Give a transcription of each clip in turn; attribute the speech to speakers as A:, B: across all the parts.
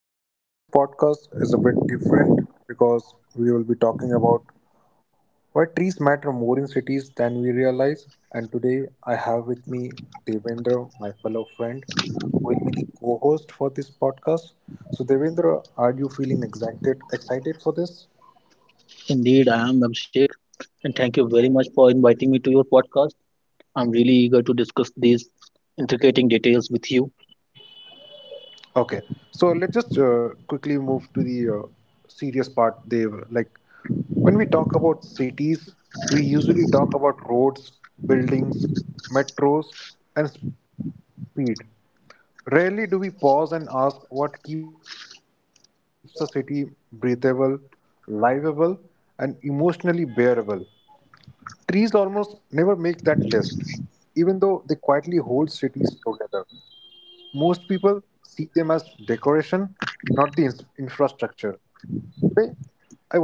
A: So, this podcast is a bit different because we will be talking about why trees matter more in cities than we realize. And today, I have with me Devendra, my fellow friend, who will be the co host for this podcast. So, Devendra, are you feeling excited for this?
B: Indeed, I am Abhishek, and thank you very much for inviting me to your podcast. I'm really eager to discuss these intricate details with you.
A: Okay, so let's just quickly move to the serious part. They like when we talk about cities, we usually talk about roads, buildings, metros, and speed. Rarely do we pause and ask what keeps a city breathable, livable, and emotionally bearable. Trees almost never make that list, even though they quietly hold cities together. Most people see them as decoration, not the infrastructure. Today,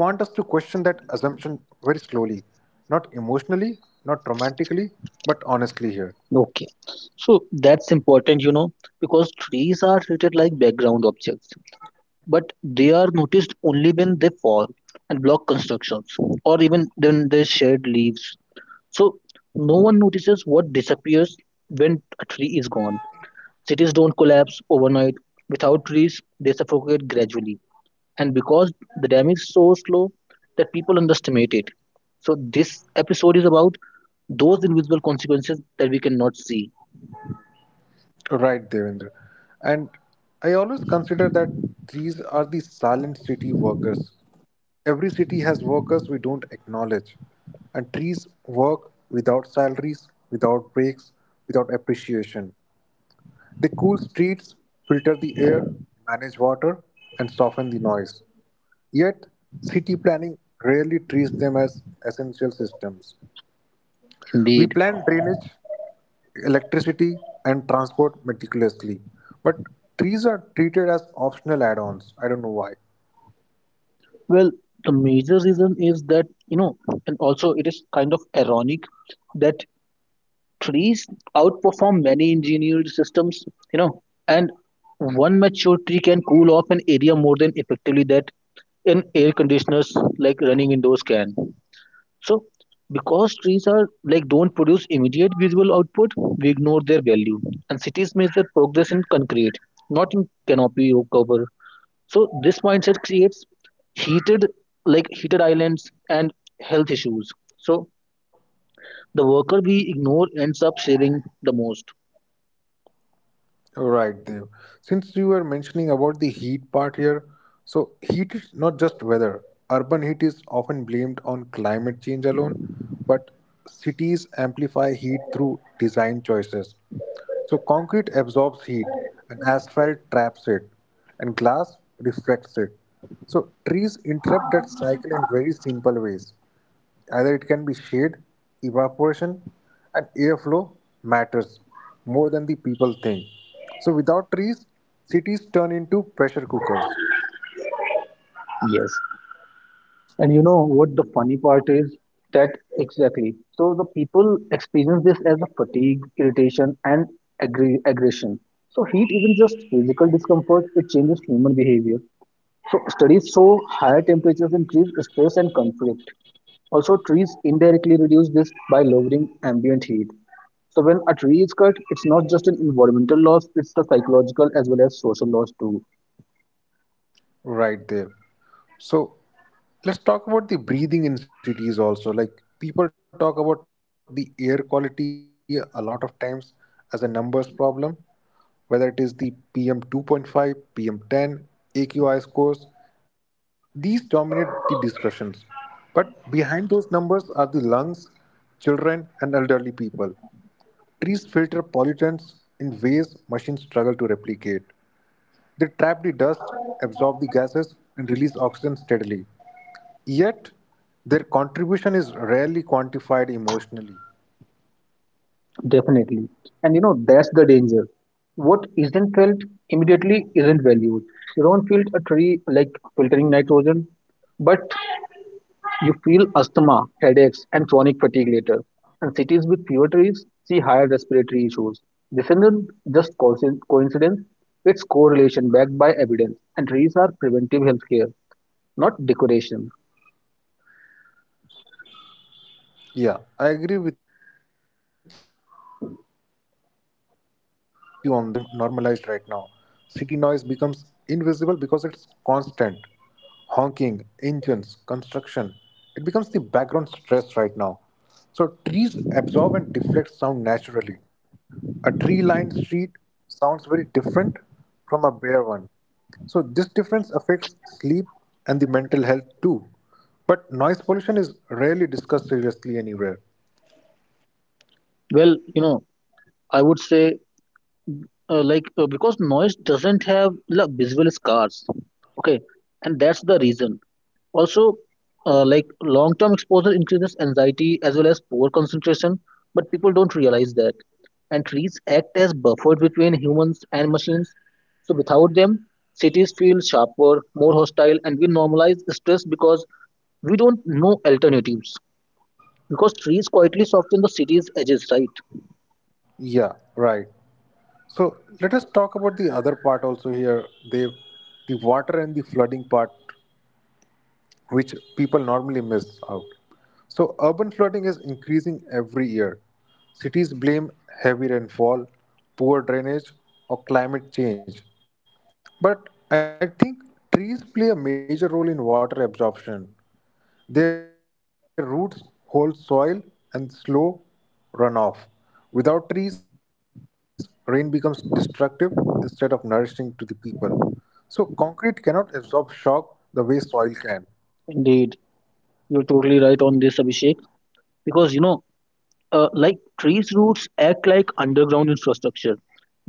A: I want us to question that assumption very slowly, not emotionally, not romantically, but honestly here.
B: Okay, so that's important, you know, because trees are treated like background objects, but they are noticed only when they fall and block constructions, or even when they shed leaves. So no one notices what disappears when a tree is gone. Cities don't collapse overnight. Without trees, they suffocate gradually, and because the damage is so slow that people underestimate it. So this episode is about those invisible consequences that we cannot see.
A: Right, Devendra. And I always consider that these are the silent city workers. Every city has workers we don't acknowledge. And trees work without salaries, without breaks, without appreciation. They cool streets, filter the air, manage water, and soften the noise. Yet, city planning rarely treats them as essential systems. We
B: Indeed.
A: plan drainage, electricity, and transport meticulously, but trees are treated as optional add ons. I don't know why.
B: Well, the major reason is that, you know, and also it is kind of ironic that trees outperform many engineered systems. You know, and one mature tree can cool off an area more than effectively that an air conditioners like running indoors can. So, because trees are like don't produce immediate visual output, we ignore their value. And cities measure progress in concrete, not in canopy or cover. So this mindset creates heated like heated islands and health issues. So the worker we ignore ends up saving the most.
A: Right, Dev. Since you were mentioning about the heat part here, so heat is not just weather. Urban heat is often blamed on climate change alone, but cities amplify heat through design choices. So concrete absorbs heat and asphalt traps it and glass reflects it. So trees interrupt that cycle in very simple ways. Either it can be shade, evaporation, and airflow matters more than the people think. So without trees, cities turn into pressure cookers.
B: Yes. And you know what the funny part is? That exactly. So the people experience this as a fatigue, irritation, and aggression. So heat isn't just physical discomfort, it changes human behavior. So studies show higher temperatures increase stress and conflict. Also, trees indirectly reduce this by lowering ambient heat. So when a tree is cut, it's not just an environmental loss, it's a psychological as well as social loss too.
A: Right, there. So let's talk about the breathing in cities also. Like people talk about the air quality a lot of times as a numbers problem, whether it is the PM 2.5, PM 10, AQI scores, these dominate the discussions. But behind those numbers are the lungs, children, and elderly people. Trees filter pollutants in ways machines struggle to replicate. They trap the dust, absorb the gases, and release oxygen steadily. Yet, their contribution is rarely quantified emotionally.
B: Definitely. And you know, that's the danger. What isn't felt immediately isn't valued. You don't feel a tree like filtering nitrogen, but you feel asthma, headaches, and chronic fatigue later. And cities with fewer trees see higher respiratory issues. This isn't just coincidence, it's correlation backed by evidence. And trees are preventive healthcare, not decoration.
A: Yeah, I agree with you on that, Dev. So, I think noise is very much normalized right now. City noise becomes invisible because it's constant. Honking, engines, construction. It becomes the background stress right now. So, trees absorb and deflect sound naturally. A tree lined street sounds very different from a bare one. So, this difference affects sleep and the mental health too. But noise pollution is rarely discussed seriously anywhere.
B: Well, you know, I would say because noise doesn't have like, visual scars, okay, and that's the reason also, like long term exposure increases anxiety as well as poor concentration, but people don't realize that. And trees act as buffer between humans and machines. So without them, cities feel sharper, more hostile, and we normalize stress because we don't know alternatives, because trees quietly soften the city's edges, right?
A: Yeah, right. So, let us talk about the other part also here, Dev, the water and the flooding part which people normally miss out. So, urban flooding is increasing every year. Cities blame heavy rainfall, poor drainage, or climate change. But I think trees play a major role in water absorption. Their roots hold soil and slow runoff. Without trees, rain becomes destructive instead of nourishing to the people. So, concrete cannot absorb shock the way soil can.
B: Indeed, you're totally right on this, Abhishek, because you know, like trees' roots act like underground infrastructure.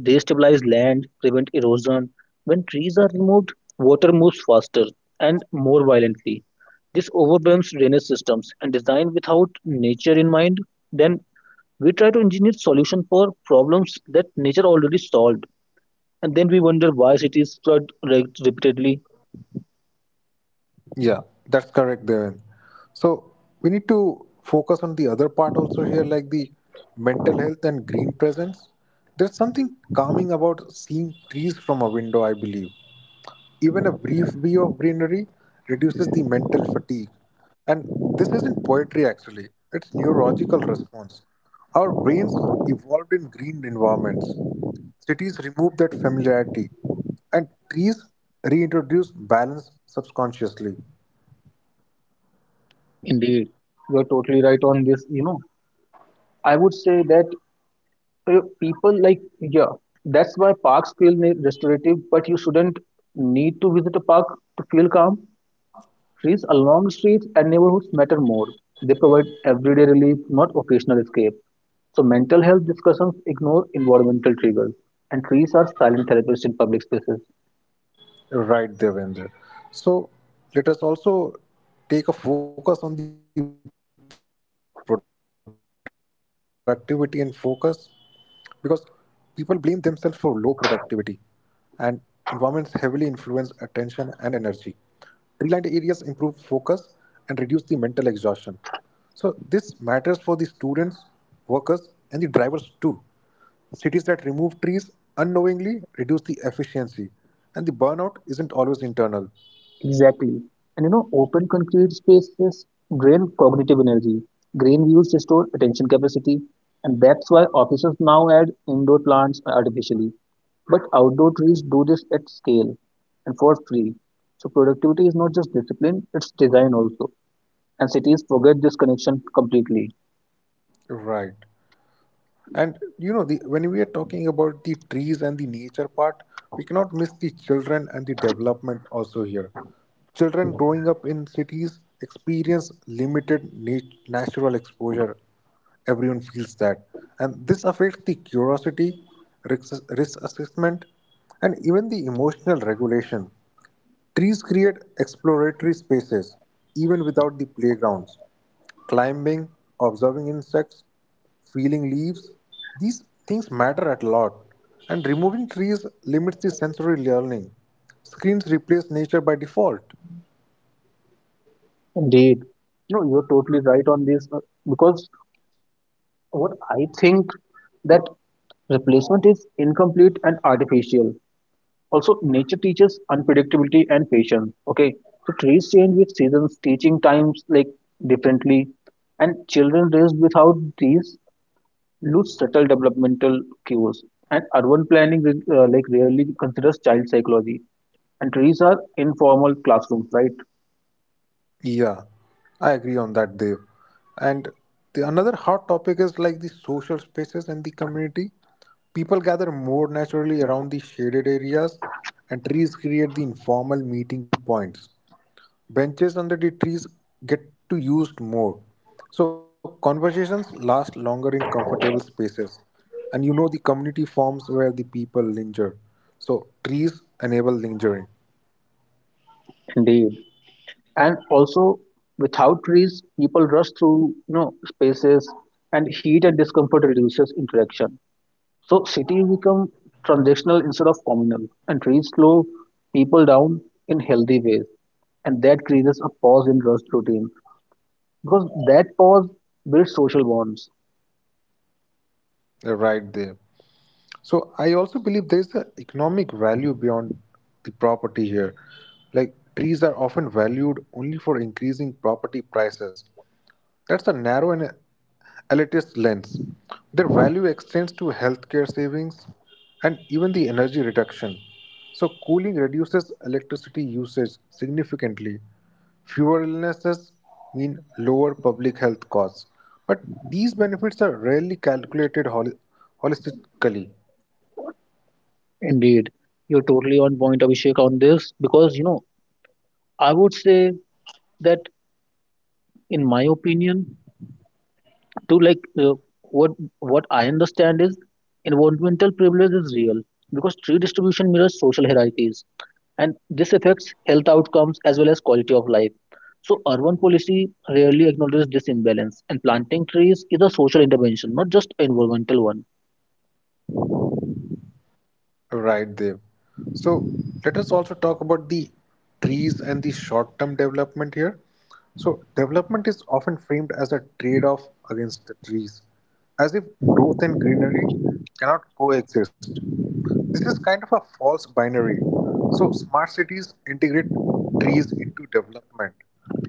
B: They stabilize land, prevent erosion. When trees are removed, water moves faster and more violently. This overwhelms drainage systems and design without nature in mind. Then we try to engineer solution for problems that nature already solved, and then we wonder why cities flood repeatedly.
A: Yeah, that's correct, Devin. So we need to focus on the other part also here, like the mental health and green presence. There's something calming about seeing trees from a window, I believe. Even a brief view of greenery reduces the mental fatigue. And this isn't poetry actually, it's neurological response. Our brains evolved in green environments. Cities remove that familiarity, and trees reintroduce balance subconsciously.
B: Indeed, you are totally right on this. You know, I would say that, people like, yeah, that's why parks feel restorative, but you shouldn't need to visit a park to feel calm. Trees along streets and neighborhoods matter more. They provide everyday relief, not occasional escape. So mental health discussions ignore environmental triggers, and trees are silent therapists in public spaces.
A: Right, Devendra. So let us also take a focus on the productivity and focus because people blame themselves for low productivity and environments heavily influence attention and energy. Tree lined areas improve focus and reduce the mental exhaustion. So this matters for the students, workers, and the drivers too. Cities that remove trees unknowingly reduce the efficiency, and the burnout isn't always internal.
B: Exactly. And you know, open concrete spaces drain cognitive energy. Green views restore attention capacity, and that's why offices now add indoor plants artificially. But outdoor trees do this at scale and for free. So productivity is not just discipline, it's design also. And cities forget this connection completely.
A: Right. And when we are talking about the trees and the nature part, we cannot miss the children and the development also here. Children growing up in cities experience limited natural exposure. Everyone feels that. And this affects the curiosity, risk assessment, and even the emotional regulation. Trees create exploratory spaces even without the playgrounds. Climbing, observing insects, feeling leaves, these things matter at a lot. And removing trees limits the sensory learning. Screens replace nature by default.
B: Indeed. No, you're totally right on this, because what I think that replacement is incomplete and artificial. Also, nature teaches unpredictability and patience. Okay, so trees change with seasons, teaching times like differently, and children raised without these lose subtle developmental cues, and urban planning like rarely considers child psychology. And trees are informal classrooms, right?
A: Yeah, I agree on that, Dev. And the another hot topic is like the social spaces and the community. People gather more naturally around the shaded areas, and trees create the informal meeting points. Benches under the trees get to used more. So conversations last longer in comfortable spaces. And you know the community forms where the people linger. So trees enable lingering.
B: Indeed. And also, without trees, people rush through, you know, spaces, and heat and discomfort reduces interaction. So cities become transactional instead of communal, and trees slow people down in healthy ways, and that creates a pause in rust routine because that pause builds social bonds.
A: Right, there. So I also believe there's an economic value beyond the property here. Like trees are often valued only for increasing property prices. That's a narrow and elitist lens. Their value extends to healthcare savings and even the energy reduction. So, cooling reduces electricity usage significantly. Fewer illnesses mean lower public health costs. But these benefits are rarely calculated holistically.
B: Indeed, you're totally on point, Abhishek, on this because you know, I would say that in my opinion, to like what what I understand is environmental privilege is real because tree distribution mirrors social hierarchies, and this affects health outcomes as well as quality of life. So urban policy rarely acknowledges this imbalance, and planting trees is a social intervention, not just an environmental one.
A: Right, Dev. So let us also talk about the trees and the short term development here. So, development is often framed as a trade off against the trees, as if growth and greenery cannot coexist. This is kind of a false binary. So, smart cities integrate trees into development,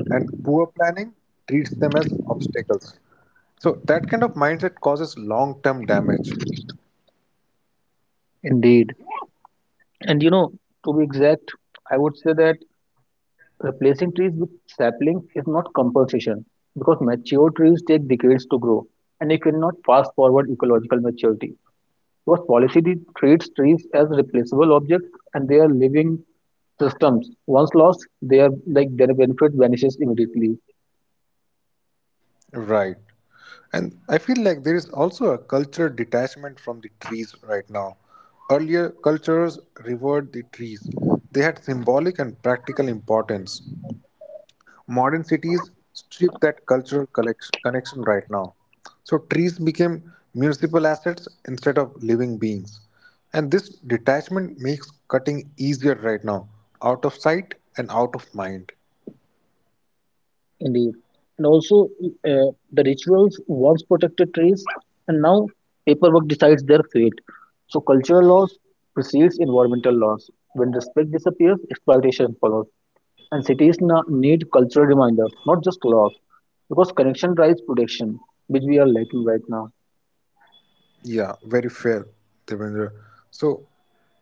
A: and poor planning treats them as obstacles. So, that kind of mindset causes long term damage.
B: Indeed, and you know, to be exact, I would say that replacing trees with saplings is not compensation because mature trees take decades to grow and you cannot fast forward ecological maturity. Because policy treats trees as replaceable objects and they are living systems. Once lost, they are like their benefit vanishes immediately.
A: Right. And I feel like there is also a cultural detachment from the trees right now. Earlier, cultures revered the trees, they had symbolic and practical importance. Modern cities strip that cultural connection right now. So, trees became municipal assets instead of living beings. And this detachment makes cutting easier right now, out of sight and out of mind.
B: Indeed. And also, the rituals once protected trees, and now paperwork decides their fate. So cultural laws precedes environmental laws. When respect disappears, exploitation follows. And cities need cultural reminders, not just laws, because connection drives protection, which we are lacking right now.
A: Yeah, very fair, Devendra. So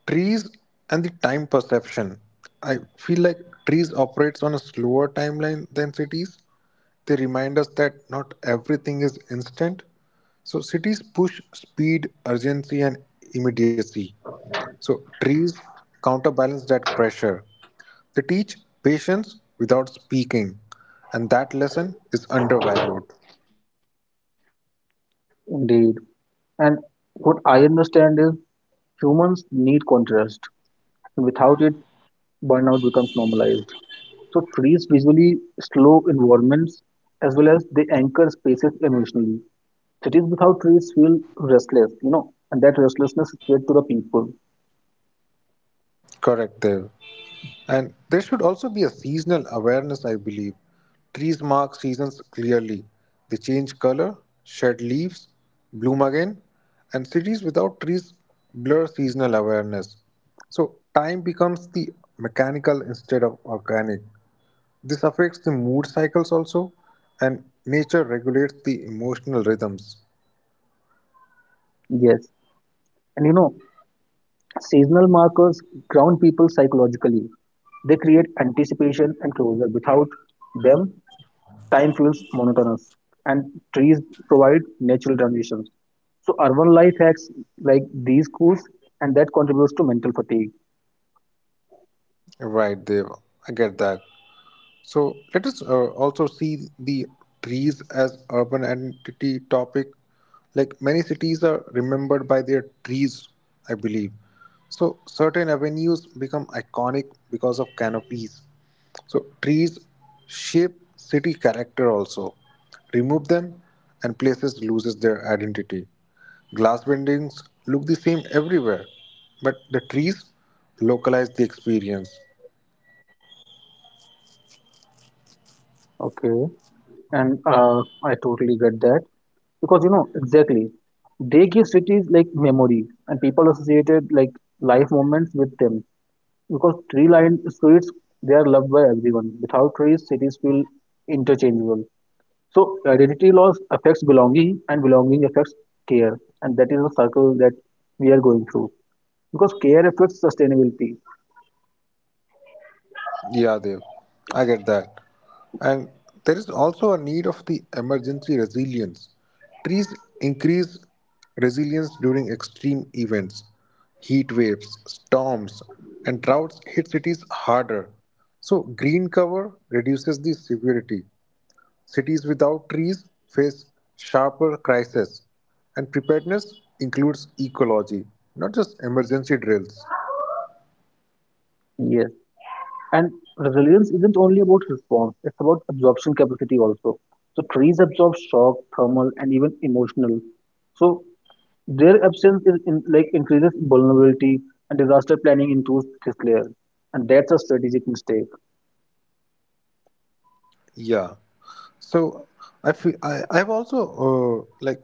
A: trees and the time perception. I feel like trees operates on a slower timeline than cities. They remind us that not everything is instant. So cities push speed, urgency, and immediacy. So trees counterbalance that pressure. They teach patience without speaking, and that lesson is undervalued.
B: Indeed. And what I understand is humans need contrast. Without it, burnout becomes normalized. So trees visually slow environments as well as they anchor spaces emotionally. Cities without trees feel restless, you know, and that restlessness is spread to the people.
A: Correct, Dev. And there should also be a seasonal awareness, I believe. Trees mark seasons clearly. They change color, shed leaves, bloom again, and cities without trees blur seasonal awareness. So time becomes the mechanical instead of organic. This affects the mood cycles also, and nature regulates the emotional rhythms.
B: Yes. And you know, seasonal markers ground people psychologically. They create anticipation and closure. Without them, time feels monotonous, and trees provide natural transitions. So urban life hacks like these cools, and that contributes to mental fatigue.
A: Right, Dave. I get that. So let us also see the trees as urban identity topic. Like many cities are remembered by their trees, I believe. So certain avenues become iconic because of canopies. So trees shape city character also. Remove them and places loses their identity. Glass buildings look the same everywhere, but the trees localize the experience.
B: Okay. And I totally get that because you know exactly they give cities like memory, and people associated like life moments with them, because tree-lined streets they are loved by everyone. Without trees, cities feel interchangeable. So identity loss affects belonging, and belonging affects care, and that is the circle that we are going through. Because care affects sustainability.
A: Yeah, Dev, I get that. And there is also a need of the emergency resilience. Trees increase resilience during extreme events. Heat waves, storms, and droughts hit cities harder. So, green cover reduces the severity. Cities without trees face sharper crises. And preparedness includes ecology, not just emergency drills.
B: Yes, and resilience isn't only about response; it's about absorption capacity also. So trees absorb shock, thermal, and even emotional. So their absence is in, like increases vulnerability, and disaster planning includes this layer, and that's a strategic mistake.
A: Yeah. So I feel I've also like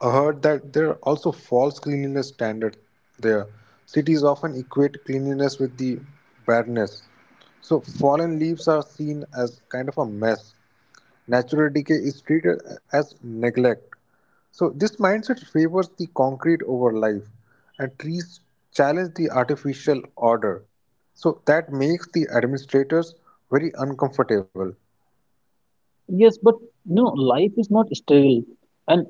A: heard that there are also false cleanliness standards there. Cities often equate cleanliness with the badness. So fallen leaves are seen as kind of a mess. Natural decay is treated as neglect. So this mindset favors the concrete over life, and trees challenge the artificial order. So that makes the administrators very uncomfortable.
B: Yes, but you know, life is not sterile, and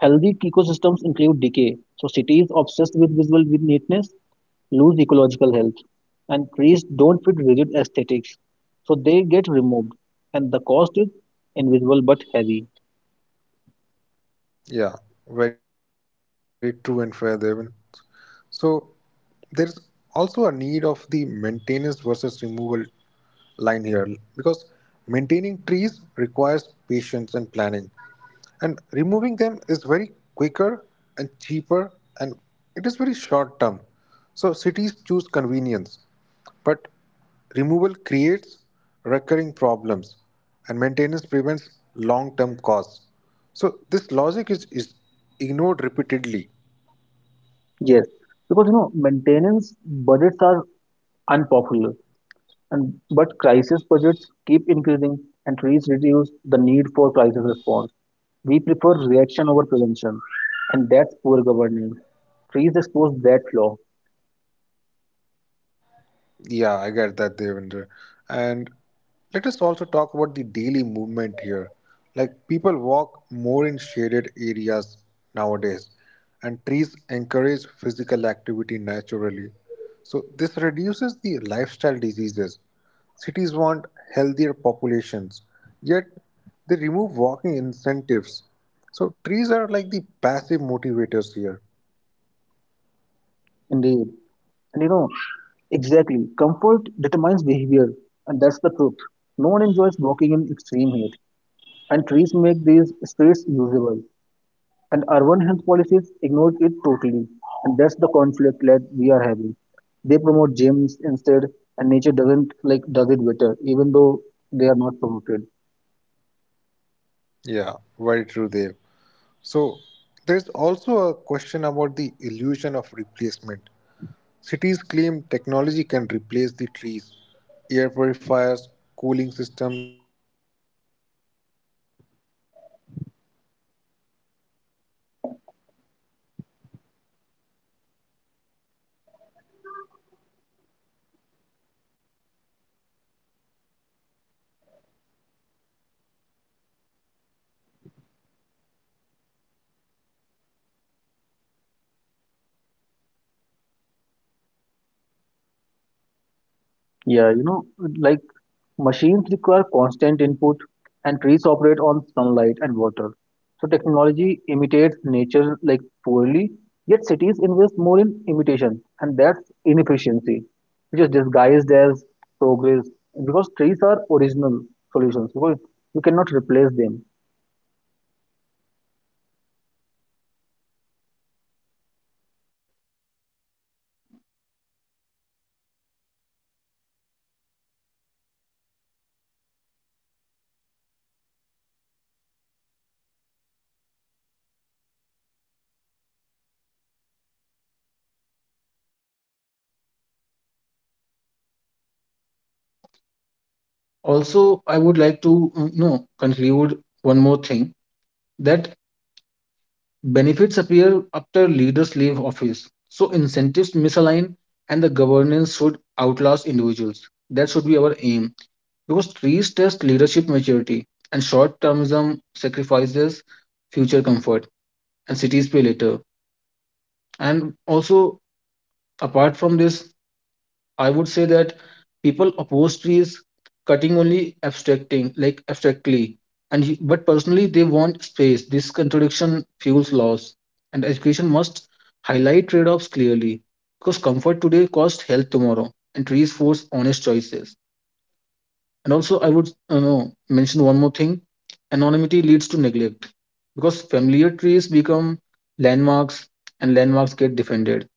B: healthy ecosystems include decay. So cities obsessed with visual neatness lose ecological health, and trees don't fit rigid aesthetics, so they get removed, and the cost is invisible but heavy.
A: Yeah, very true and fair, Devin. So there's also a need of the maintenance versus removal line here because maintaining trees requires patience and planning and removing them is very quicker and cheaper and it is very short term so cities choose convenience but removal creates recurring problems and maintenance prevents long term costs so this logic is ignored repeatedly.
B: Yes, because you know, maintenance budgets are unpopular, and but crisis budgets keep increasing, and trees reduce the need for crisis response. We prefer reaction over prevention, and that's poor governance. Trees expose that flaw,
A: Yeah, I get that, Devendra. And let us also talk about the daily movement here. Like people walk more in shaded areas nowadays, and trees encourage physical activity naturally. So this reduces the lifestyle diseases. Cities want healthier populations, yet they remove walking incentives. So trees are like the passive motivators here.
B: indeed. And you know, exactly, comfort determines behavior, and that's the truth. No one enjoys walking in extreme heat, and trees make these streets usable. And urban health policies ignore it totally, and that's the conflict that we are having. They promote gyms instead, and nature doesn't like does it better even though they are not promoted.
A: Yeah, very true, Dev. So, there's also a question about the illusion of replacement. Cities claim technology can replace the trees, air purifiers, cooling systems, artificial parks. These are the partial and energy intensive, and trees are self sustaining. So, replacement is kind of an illusion. Nature doesn't scale artificially.
B: Yeah, you know, like machines require constant input and trees operate on sunlight and water. So technology imitates nature like poorly, yet cities invest more in imitation, and that's inefficiency, which is disguised as progress, because trees are original solutions because you cannot replace them. Also, I would like to you know, conclude one more thing, that benefits appear after leaders leave office, so incentives misalign and the governance should outlast individuals. That should be our aim, because trees test leadership maturity and short termism sacrifices future comfort and cities pay later. And also, apart from this, I would say that people oppose trees cutting only abstracting, like abstractly, and but personally they want space. This contradiction fuels loss, and education must highlight trade-offs clearly, because comfort today costs health tomorrow, and trees force honest choices. And also, I would, you know, mention one more thing: anonymity leads to neglect because familiar trees become landmarks, and landmarks get defended.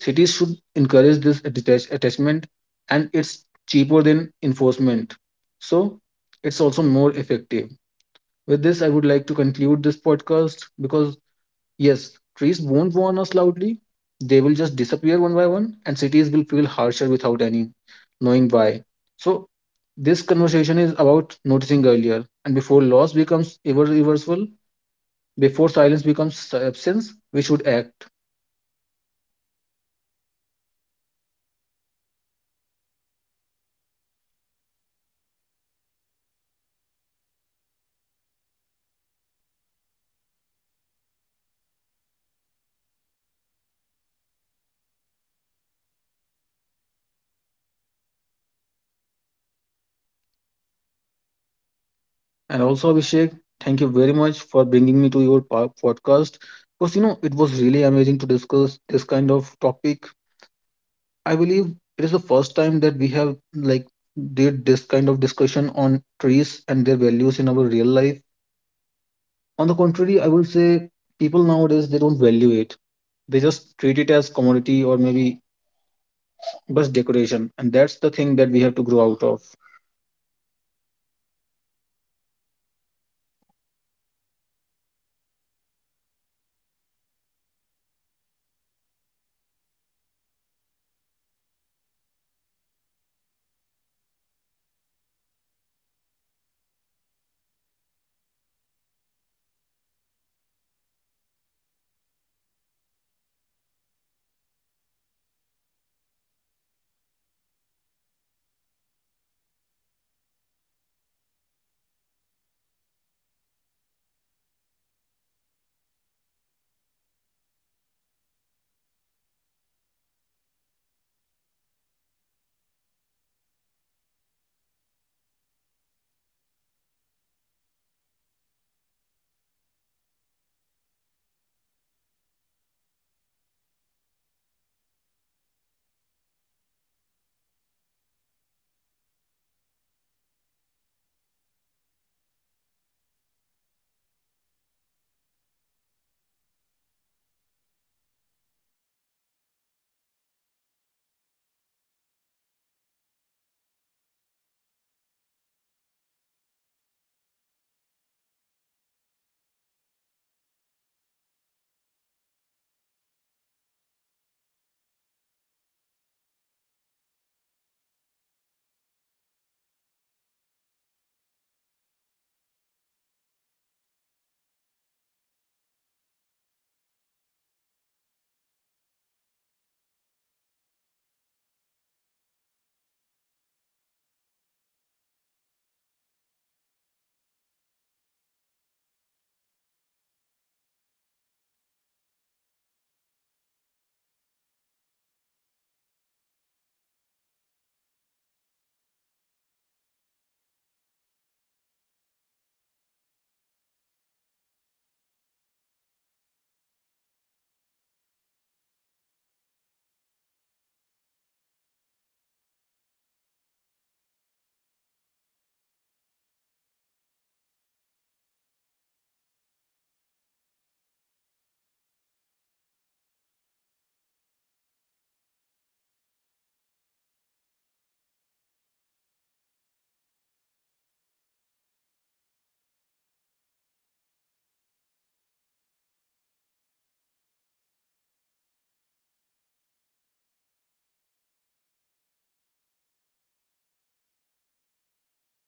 B: Cities should encourage this attachment, and it's cheaper than enforcement. So it's also more effective. With this, I would like to conclude this podcast because, yes, trees won't warn us loudly. They will just disappear one by one, and cities will feel harsher without any knowing why. So this conversation is about noticing earlier, and before loss becomes irreversible, before silence becomes absence, we should act. And also, Abhishek, thank you very much for bringing me to your podcast because you know it was really amazing to discuss this kind of topic. I believe it is the first time that we have like did this kind of discussion on trees and their values in our real life. On the contrary, I would say people nowadays they don't value it. They just treat it as commodity or maybe just decoration, and that's the thing that we have to grow out of.
A: Hello. Yes, hello. अबे क्या I've actually completed the. I'm actually completing the podcast. If you can see, please complete it right now. Otherwise, I can leave directly, and it may be configured. अबे मेरे में तो ये timer ही रुका हुआ है कुछ काम ही नहीं कर रहा, मैं यहाँ से अपलोड भी कर रहा हूँ तो कुछ काम ही नहीं कर रहा है. तेरे I ते, don't know what is happening, but I cannot read this. क्या चूतिया ऐप है भाई. अपने आप कभी भी अटकता रहता है English, English, English. I am not able to understand about this app because I can see that I know it's recording in my own device, but I cannot even access anything. Even only you can allow like cancel this. No, but so I'm also something not maybe like refresh that. I'm also not able to refresh anything. I'm not able to, like, nothing is working on this app right now. I'm, okay, trying, okay, to so complete the podcast, but it's not. I have left I have refreshed the application. I have reopened it one more time just to see if it works. Otherwise, we have to just conclude it anyway. But I cannot see right. It's your, like you are the host, so you will be only seeing this. So what if I just close the application? Will it be saved or not? Yeah, you have to check it now. That's what I'm asking. What if I just close it and then reopen it? What if the podcast is not saved? Then, well, do you see anything like updating or uploading? Just scroll down your notification bar and you will see something like uploading or starting something like this. Nothing is there. Well, I don't really have a lot of time. I have to leave right now because my bus time is already here. Also, just try to shut it down and reopen it, okay? Because you can just. It was the last one, right? Maybe one more was left. One more is left. Of the novel, you can complete it anyway, so you know also that. We are almost done. And okay, just do one thing, close the application and restart again. Let me check. I don't know if it will be saved or not.